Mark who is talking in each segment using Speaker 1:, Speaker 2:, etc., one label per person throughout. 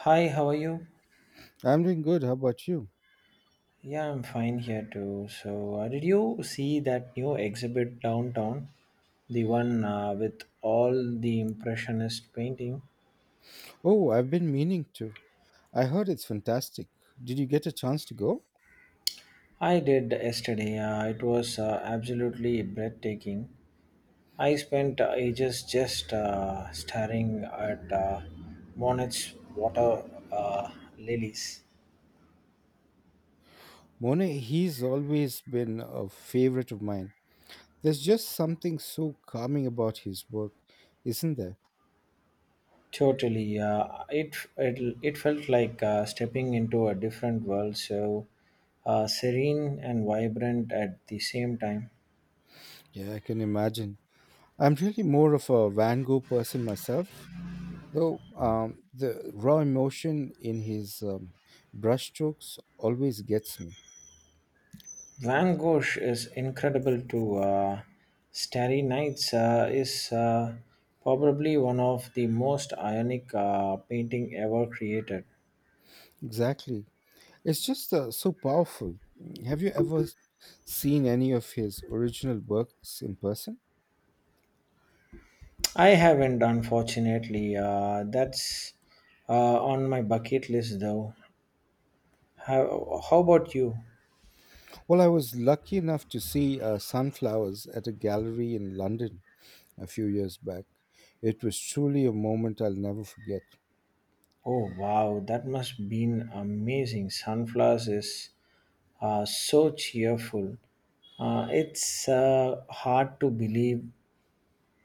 Speaker 1: Hi, how are you?
Speaker 2: I'm doing good. How about you?
Speaker 1: Yeah, I'm fine here too. So did you see that new exhibit downtown? The one with all the impressionist painting?
Speaker 2: Oh, I've been meaning to. I heard it's fantastic. Did you get a chance to go?
Speaker 1: I did yesterday. It was absolutely breathtaking. I spent ages just staring at Monet's water lilies.
Speaker 2: Monet, he's always been a favorite of mine. There's just something so calming about his work, isn't there?
Speaker 1: Totally. It felt like stepping into a different world, so serene and vibrant at the same time.
Speaker 2: Yeah, I can imagine. I'm really more of a Van Gogh person myself, though the raw emotion in his brushstrokes always gets me.
Speaker 1: Van Gogh is incredible too. Starry Nights is probably one of the most ionic painting ever created.
Speaker 2: Exactly. It's just so powerful. Have you ever seen any of his original works in person?
Speaker 1: I haven't, unfortunately. That's on my bucket list, though. How about you?
Speaker 2: Well, I was lucky enough to see Sunflowers at a gallery in London a few years back. It was truly a moment I'll never forget.
Speaker 1: Oh wow, that must been amazing. Sunflowers is so cheerful. It's hard to believe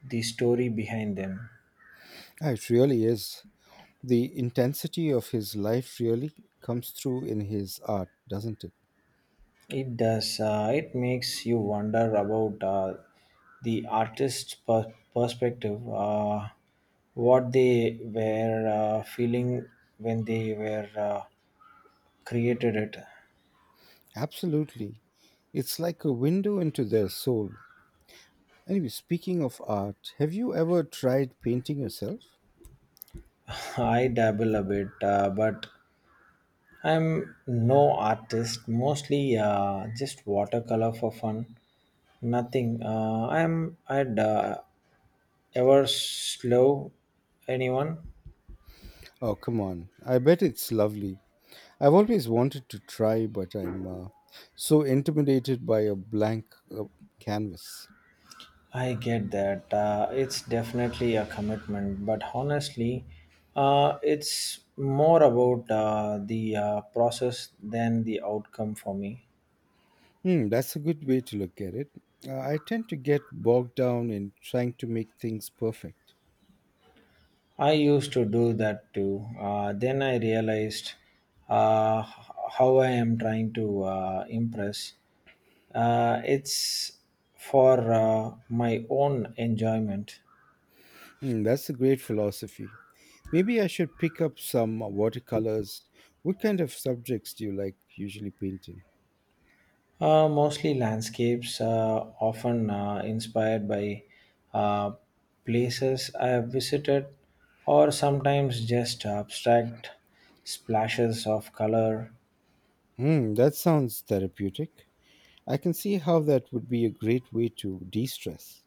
Speaker 1: the story behind them.
Speaker 2: Ah, it really is. The intensity of his life really comes through in his art, doesn't it?
Speaker 1: It does. It makes you wonder about the perspective, what they were feeling when they were created it.
Speaker 2: Absolutely. It's like a window into their soul. Anyway, speaking of art, have you ever tried painting yourself?
Speaker 1: I dabble a bit, but I'm no artist, mostly just watercolor for fun. Nothing. I'd ever slow anyone.
Speaker 2: Oh, come on. I bet it's lovely. I've always wanted to try, but I'm so intimidated by a blank uh, canvas.
Speaker 1: I get that. It's definitely a commitment, but honestly, it's more about the process than the outcome for me.
Speaker 2: Hmm, that's a good way to look at it. I tend to get bogged down in trying to make things perfect.
Speaker 1: I used to do that too. Then I realized uh, h- how I am trying to impress. It's for my own enjoyment.
Speaker 2: Hmm, that's a great philosophy. Maybe I should pick up some watercolors. What kind of subjects do you like usually painting?
Speaker 1: Mostly landscapes, often inspired by uh, places I have visited, or sometimes just abstract splashes of color.
Speaker 2: Hmm, that sounds therapeutic. I can see how that would be a great way to de stress.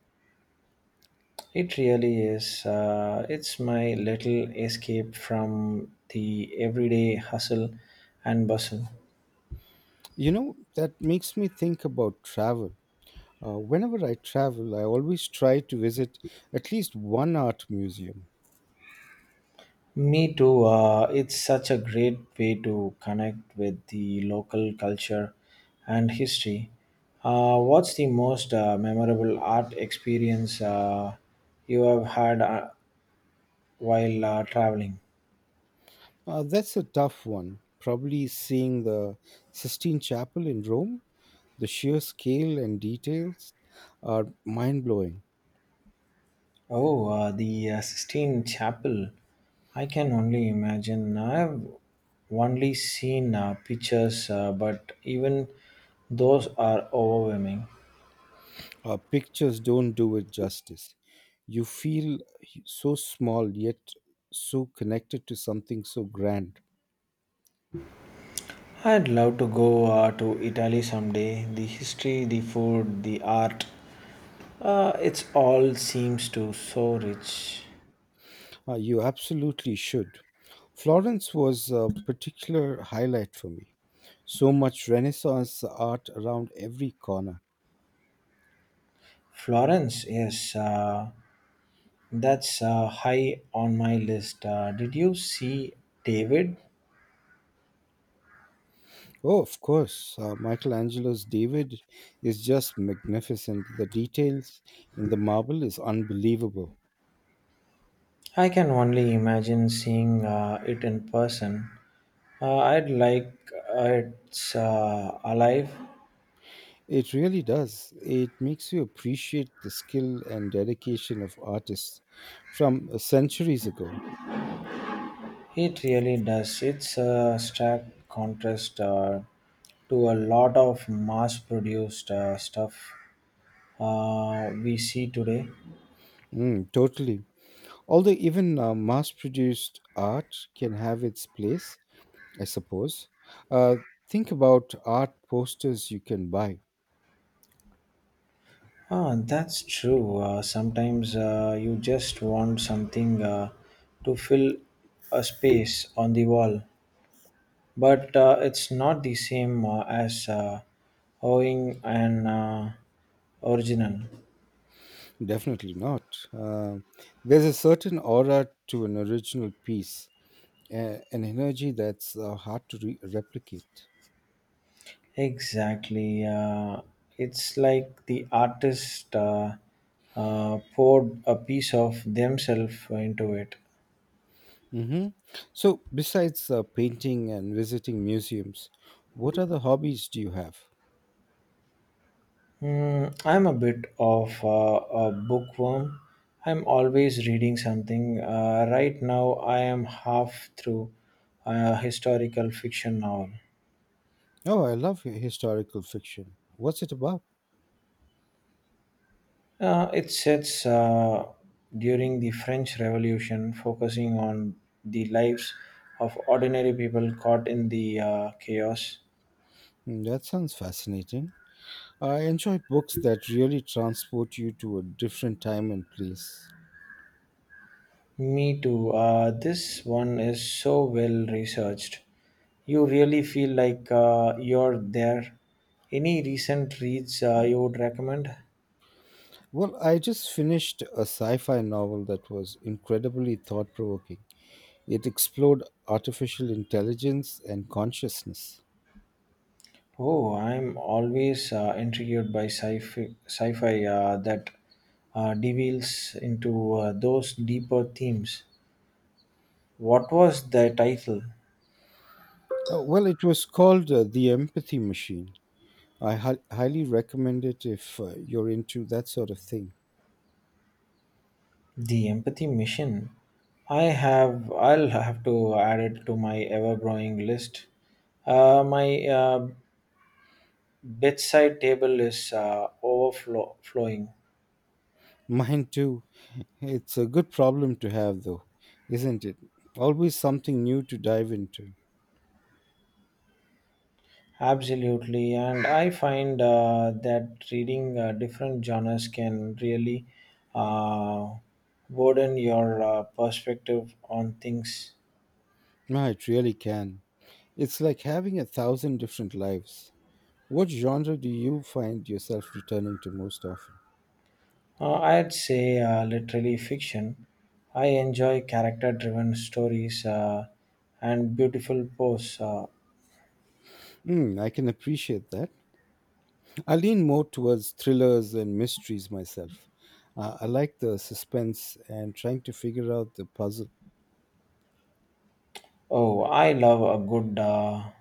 Speaker 1: It really is. It's my little escape from the everyday hustle and bustle.
Speaker 2: You know, that makes me think about travel. Whenever I travel, I always try to visit at least one art museum.
Speaker 1: Me too. It's such a great way to connect with the local culture and history. What's the most memorable art experience you have had while traveling?
Speaker 2: That's a tough one. Probably seeing the Sistine Chapel in Rome, the sheer scale and details are mind blowing.
Speaker 1: Oh, the Sistine Chapel. I can only imagine. I've only seen pictures, but even those are overwhelming.
Speaker 2: Pictures don't do it justice. You feel so small yet so connected to something so grand.
Speaker 1: I'd love to go to Italy someday. The history, the food, the art, it's all seems to so rich.
Speaker 2: You absolutely should. Florence was a particular highlight for me. So much Renaissance art around every corner.
Speaker 1: Florence, yes, that's high on my list. Did you see David?
Speaker 2: Oh, of course, Michelangelo's David is just magnificent. The details in the marble is unbelievable.
Speaker 1: I can only imagine seeing it in person. I'd like it's alive.
Speaker 2: It really does. It makes you appreciate the skill and dedication of artists from centuries ago.
Speaker 1: It really does. It's a stark contrast to a lot of mass produced stuff we see today.
Speaker 2: Mm, totally. Although even mass produced art can have its place, I suppose. Uh, think about art posters you can buy.
Speaker 1: Ah, that's true. Sometimes you just want something to fill a space on the wall, but it's not the same as owing an original.
Speaker 2: Definitely not. Uh, there's a certain aura to an original piece, an energy that's hard to replicate.
Speaker 1: Exactly. It's like the artist poured a piece of themselves into it.
Speaker 2: hmm So, besides painting and visiting museums, what other hobbies do you have?
Speaker 1: Mm, I'm a bit of a bookworm. I'm always reading something. Right now, I am half through a historical fiction novel.
Speaker 2: Oh, I love historical fiction. What's it about?
Speaker 1: It sets during the French Revolution, focusing on the lives of ordinary people caught in the chaos.
Speaker 2: Hmm, that sounds fascinating. I enjoy books that really transport you to a different time and place.
Speaker 1: Me too. This one is so well researched. You really feel like you're there. Any recent reads you would recommend?
Speaker 2: Well, I just finished a sci fi novel that was incredibly thought provoking. It explored artificial intelligence and consciousness.
Speaker 1: Oh, I'm always intrigued by sci-fi that delves into those deeper themes. What was the title?
Speaker 2: Well, it was called The Empathy Machine. I highly recommend it if you're into that sort of thing.
Speaker 1: The Empathy Mission. I have. I'll have to add it to my ever-growing list. My bedside table is overflowing.
Speaker 2: Mine too. It's a good problem to have, though, isn't it? Always something new to dive into.
Speaker 1: Absolutely, and I find that reading different genres can really uh, broaden your perspective on things.
Speaker 2: No, it really can. It's like having a thousand different lives. What genre do you find yourself returning to most often?
Speaker 1: I'd say literally fiction. I enjoy character driven stories and beautiful prose. Uh,
Speaker 2: Hmm, I can appreciate that. I lean more towards thrillers and mysteries myself. I like the suspense and trying to figure out the puzzle.
Speaker 1: oh, I love a good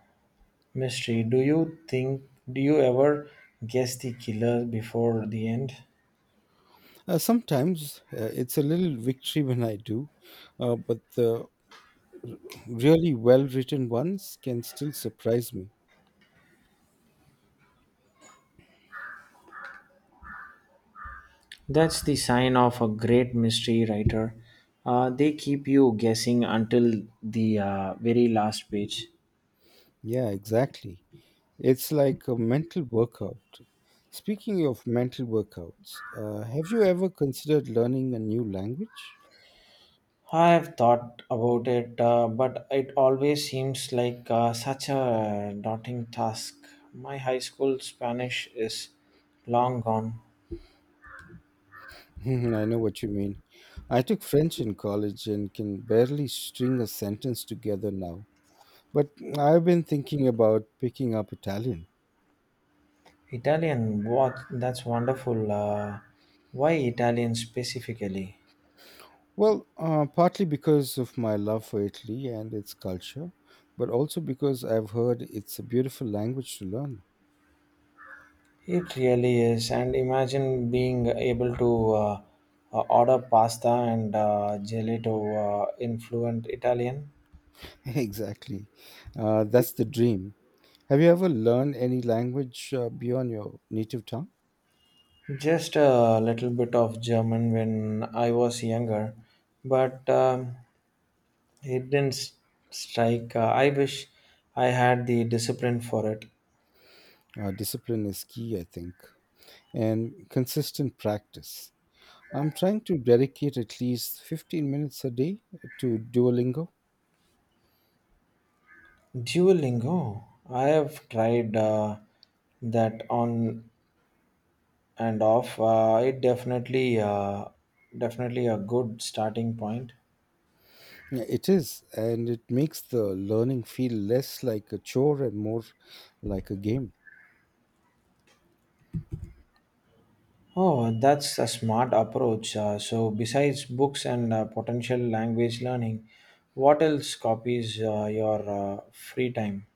Speaker 1: mystery. Do you ever guess the killer before the end?
Speaker 2: Sometimes it's a little victory when I do, but the really well written ones can still surprise me.
Speaker 1: That's the sign of a great mystery writer. They keep you guessing until the very last page.
Speaker 2: Yeah, exactly. It's like a mental workout. Speaking of mental workouts, have you ever considered learning a new language?
Speaker 1: I have thought about it, but it always seems like such a daunting task. My high school Spanish is long gone.
Speaker 2: Mhm, I know what you mean. I took French in college and can barely string a sentence together now. But I've been thinking about picking up Italian.
Speaker 1: Italian, what? That's wonderful. Why Italian specifically?
Speaker 2: Well, partly because of my love for Italy and its culture, but also because I've heard it's a beautiful language to learn.
Speaker 1: It really is. And imagine being able to order pasta and gelato in fluent Italian.
Speaker 2: Exactly. That's the dream. Have you ever learned any language beyond your native tongue?
Speaker 1: Just a little bit of German when I was younger, but. It didn't strike. I wish I had the discipline for it.
Speaker 2: Discipline is key, I think, and consistent practice. I'm trying to dedicate at least 15 minutes a day to Duolingo.
Speaker 1: Duolingo. I have tried that on and off. It definitely a good starting point.
Speaker 2: Yeah, it is, and it makes the learning feel less like a chore and more like a game.
Speaker 1: Oh, that's a smart approach. So, besides books and potential language learning, what else copies your free time?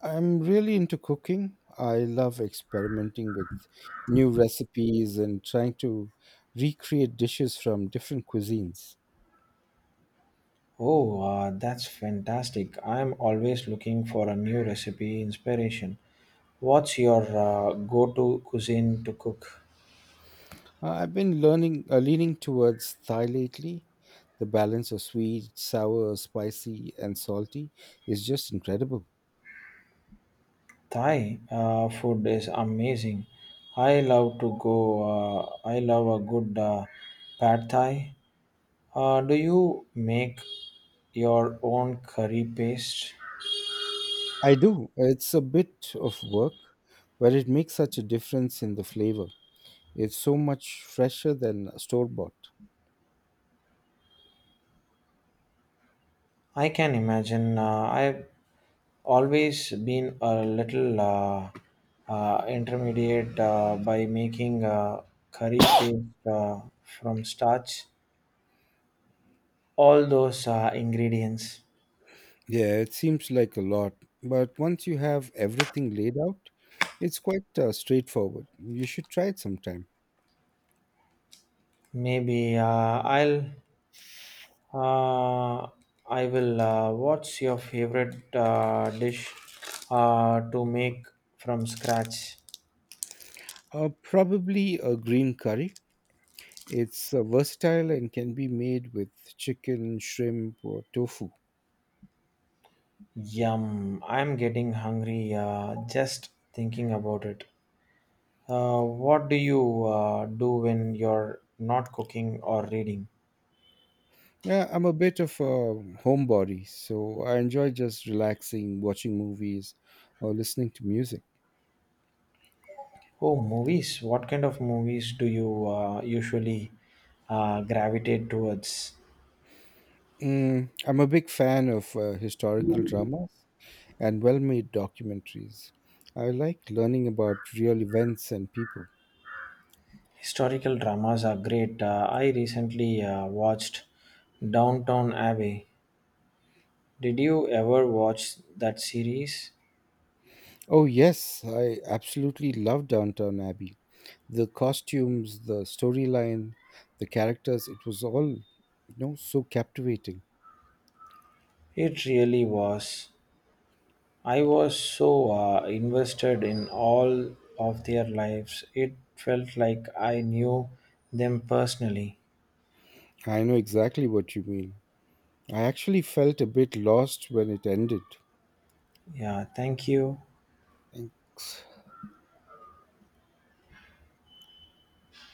Speaker 2: I'm really into cooking. I love experimenting with new recipes and trying to recreate dishes from different cuisines.
Speaker 1: Oh, that's fantastic. I'm always looking for a new recipe inspiration. What's your go-to cuisine to cook?
Speaker 2: I've been leaning towards Thai lately. The balance of sweet, sour, spicy, and salty is just incredible.
Speaker 1: Thai food is amazing. I love to go. I love a good pad Thai. Do you make your own curry paste?
Speaker 2: I do. It's a bit of work, but it makes such a difference in the flavor. It's so much fresher than store bought.
Speaker 1: I can imagine. I've always been a little intermediate by making curry paste from starch. All those ingredients.
Speaker 2: Yeah, it seems like a lot, but once you have everything laid out, it's quite straightforward. You should try it sometime.
Speaker 1: Maybe Uh, I will. What's your favorite dish to make from scratch?
Speaker 2: Probably a green curry. It's versatile and can be made with chicken, shrimp, or tofu.
Speaker 1: Yum! I'm getting hungry just thinking about it. What do you do when you're not cooking or reading?
Speaker 2: Yeah, I'm a bit of a homebody, so I enjoy just relaxing, watching movies, or listening to music.
Speaker 1: Oh, movies. What kind of movies do you usually gravitate towards?
Speaker 2: I'm a big fan of historical dramas and well made documentaries. I like learning about real events and people.
Speaker 1: Historical dramas are great. I recently watched Downtown Abbey. Did you ever watch that series?
Speaker 2: Oh, yes, I absolutely love Downtown Abbey. The costumes, the storyline, the characters, it was all, so captivating.
Speaker 1: It really was. I was so invested in all of their lives. It felt like I knew them personally.
Speaker 2: I know exactly what you mean. I actually felt a bit lost when it ended.
Speaker 1: Yeah, thank you.
Speaker 2: Thanks.